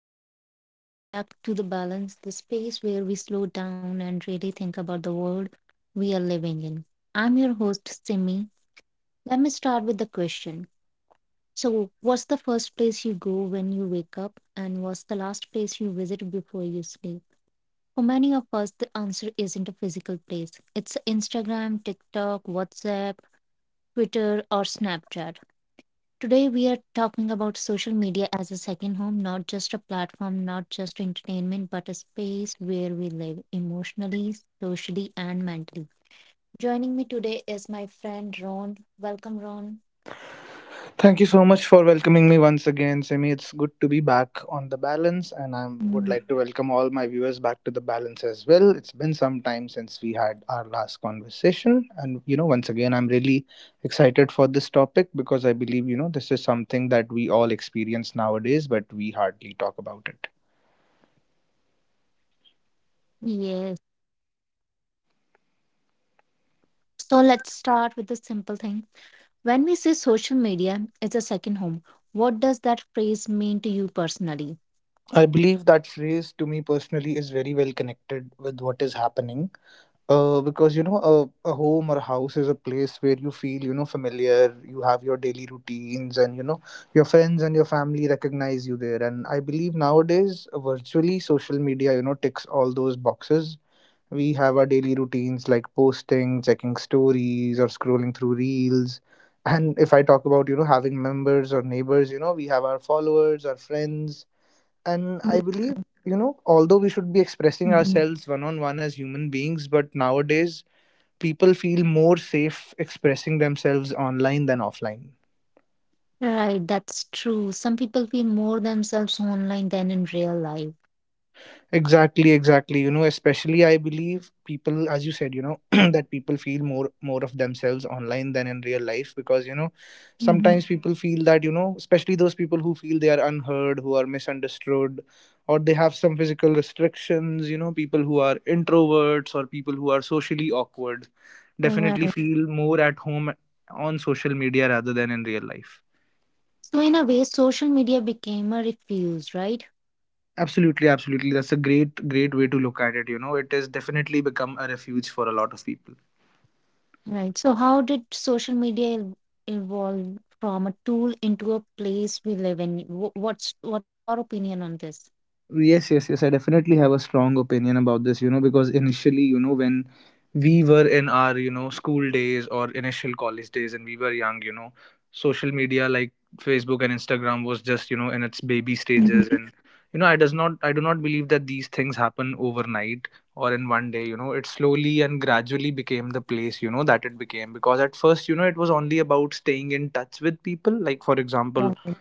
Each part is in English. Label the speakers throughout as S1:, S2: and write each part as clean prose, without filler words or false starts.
S1: Hello and welcome back to The Balance, the space where we slow down and really think about the world we are living in. I'm your host, Simi. Let me start with the question. So, what's the first place you go when you wake up, and what's the last place you visit before you sleep? For many of us, the answer isn't a physical place. It's Instagram, TikTok, WhatsApp, Twitter, or Snapchat. Today, we are talking about social media as a second home, not just a platform, not just entertainment, but a space where we live emotionally, socially, and mentally. Joining me today is my friend Ron. Welcome, Ron. Mm, Yes. So, let's start with a simple thing. When we say social media is a second home, what does that phrase mean to you personally? Mhm. Right, that's true. Some people feel more themselves online than in real life. Mhm. So in a way, social media became a refuge, right? Right. So how did social evolve from a tool into a place we live in? What's your opinion on this? Mhm. Right.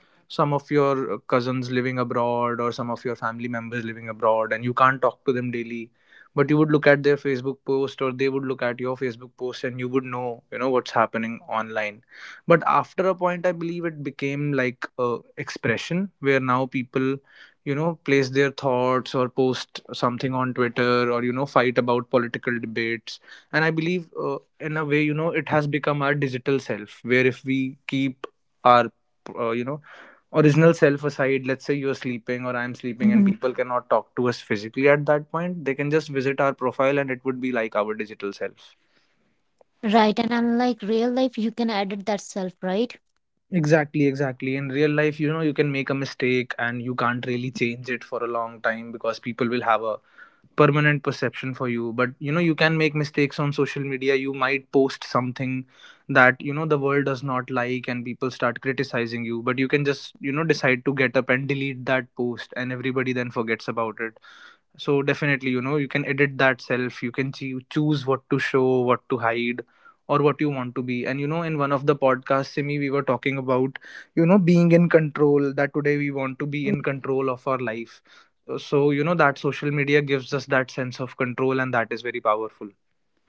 S1: Mhm. Right, and unlike real life, you can edit that self, right?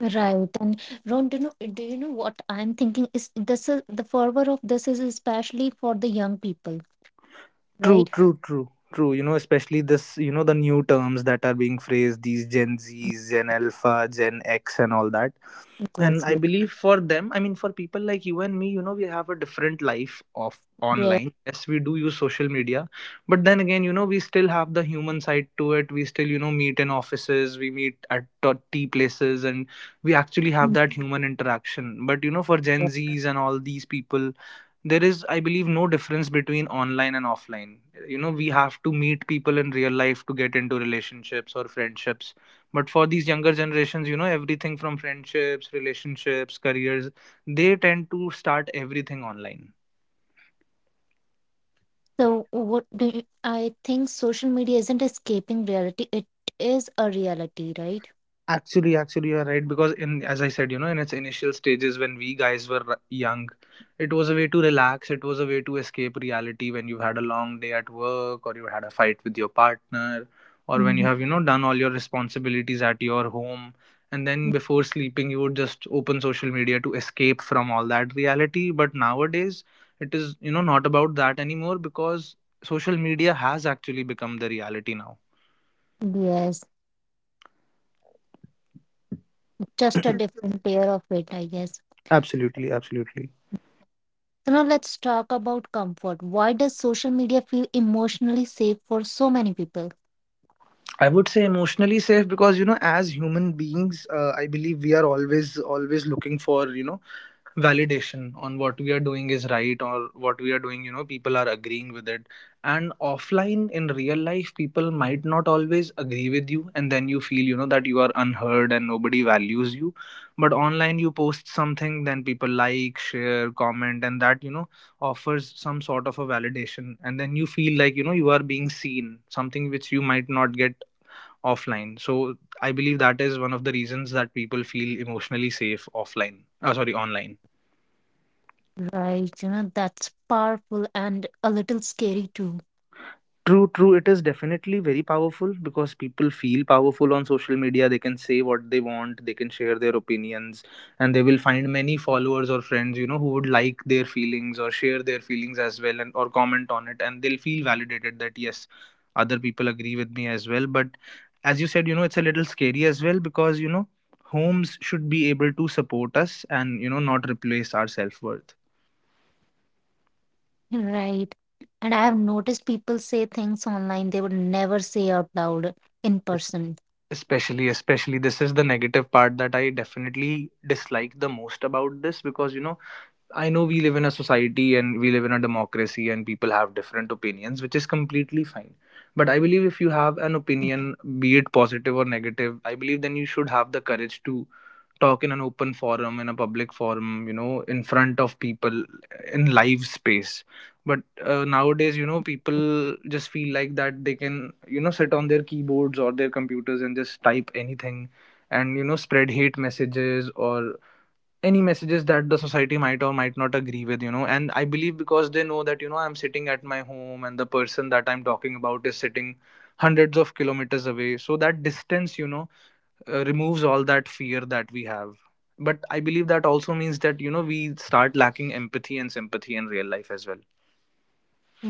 S1: Right, and Ron, do you know what I'm thinking? Is this is the fervor of this is especially for the young people, right? Yes, yes, yes. So, I think social media isn't escaping reality, it is a reality, right? Mhm. Yes, just a different layer of it, I guess. So, now let's talk about comfort. Why does social media feel emotionally safe for so many people? Right, that's powerful and a little scary too. Right. And I have noticed people say things online they would never say out loud in person.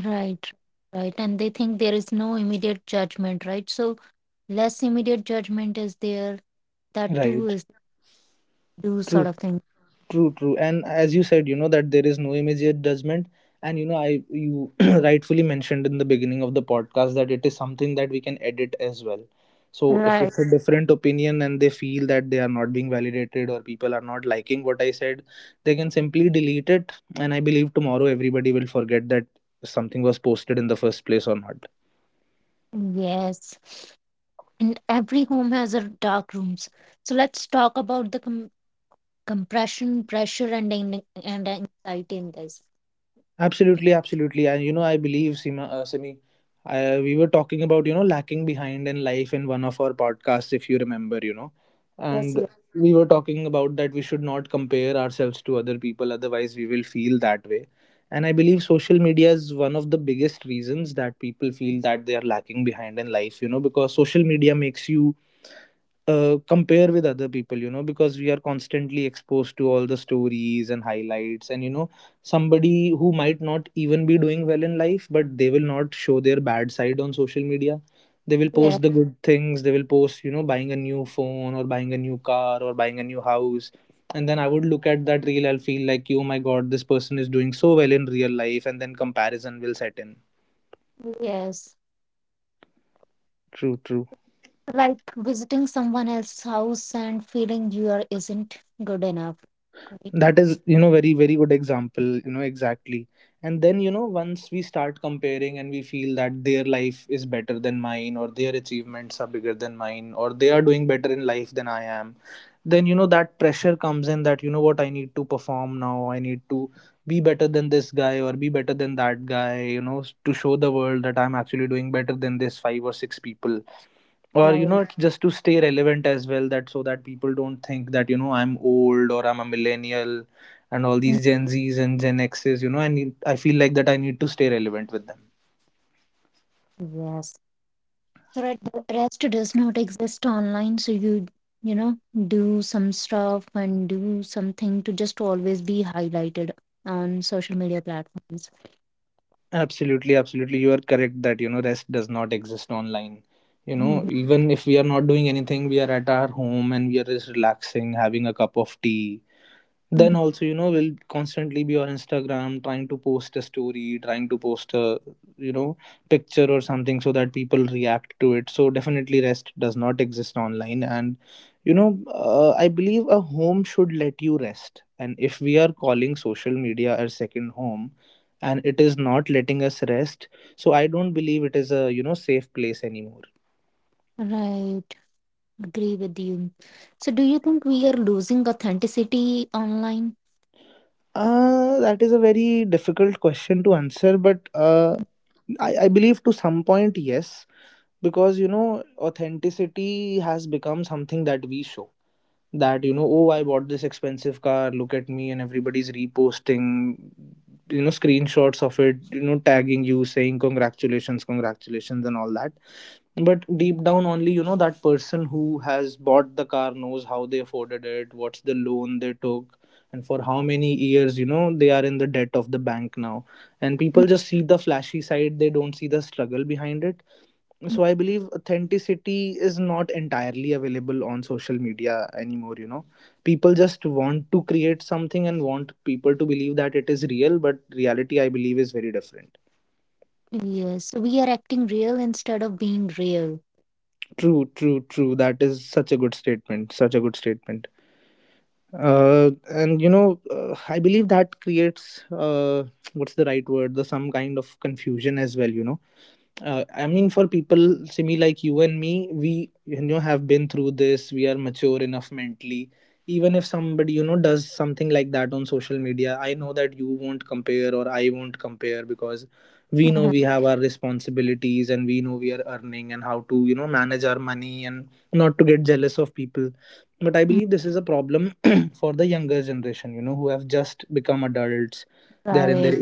S1: Right, right. And they think there is no immediate judgment, right? So less immediate judgment is there. That too is do sort of thing. Right. Yes. And every home has a dark rooms. So let's talk about the compression, pressure, and anxiety in this. Yes, yes, yes, yes. Like visiting someone else's house and feeling you are isn't good enough, right? Right. Mm, Yes. So right, the rest does not exist online. So you know do some stuff and do something to just always be highlighted on social media platforms. Mhm. Mm. Right, agree with you. So do you think we are losing authenticity online? Yes, so we are acting real instead of being real. Mhm. Mm. Right,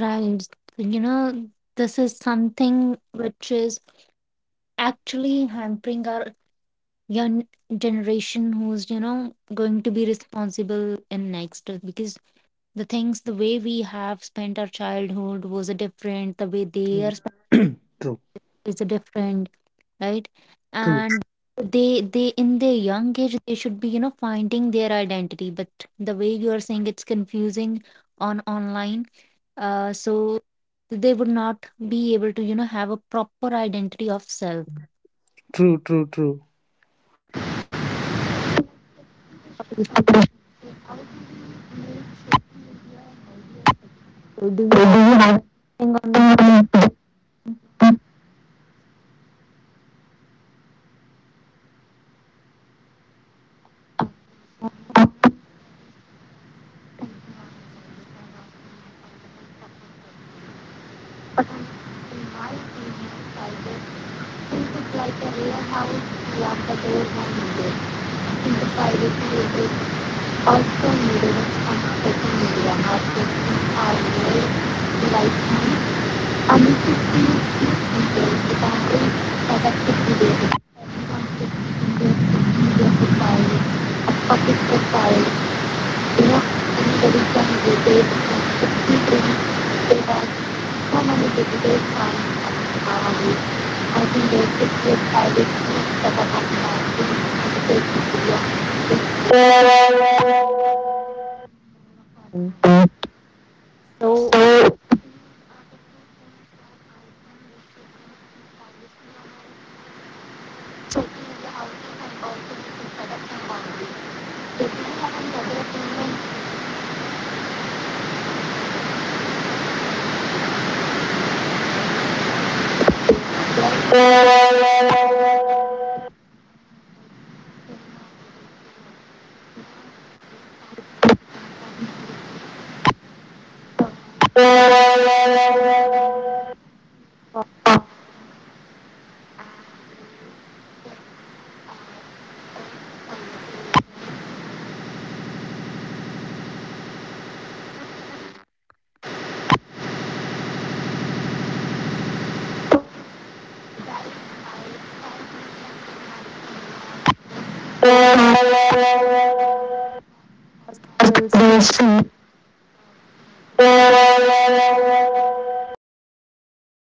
S1: right. So, You know, this is something which is actually hampering our young generation who's going to be responsible in next, because the things, the way we have spent our childhood was a different, the way they are spent is a different, right? And they, in their young age, they should be finding their identity, but the way you are saying, it's confusing on online, so they would not be able to have a proper identity of self. So do you have anything on that? Mm. So
S2: Thank
S1: Uh, So, we will see
S2: you.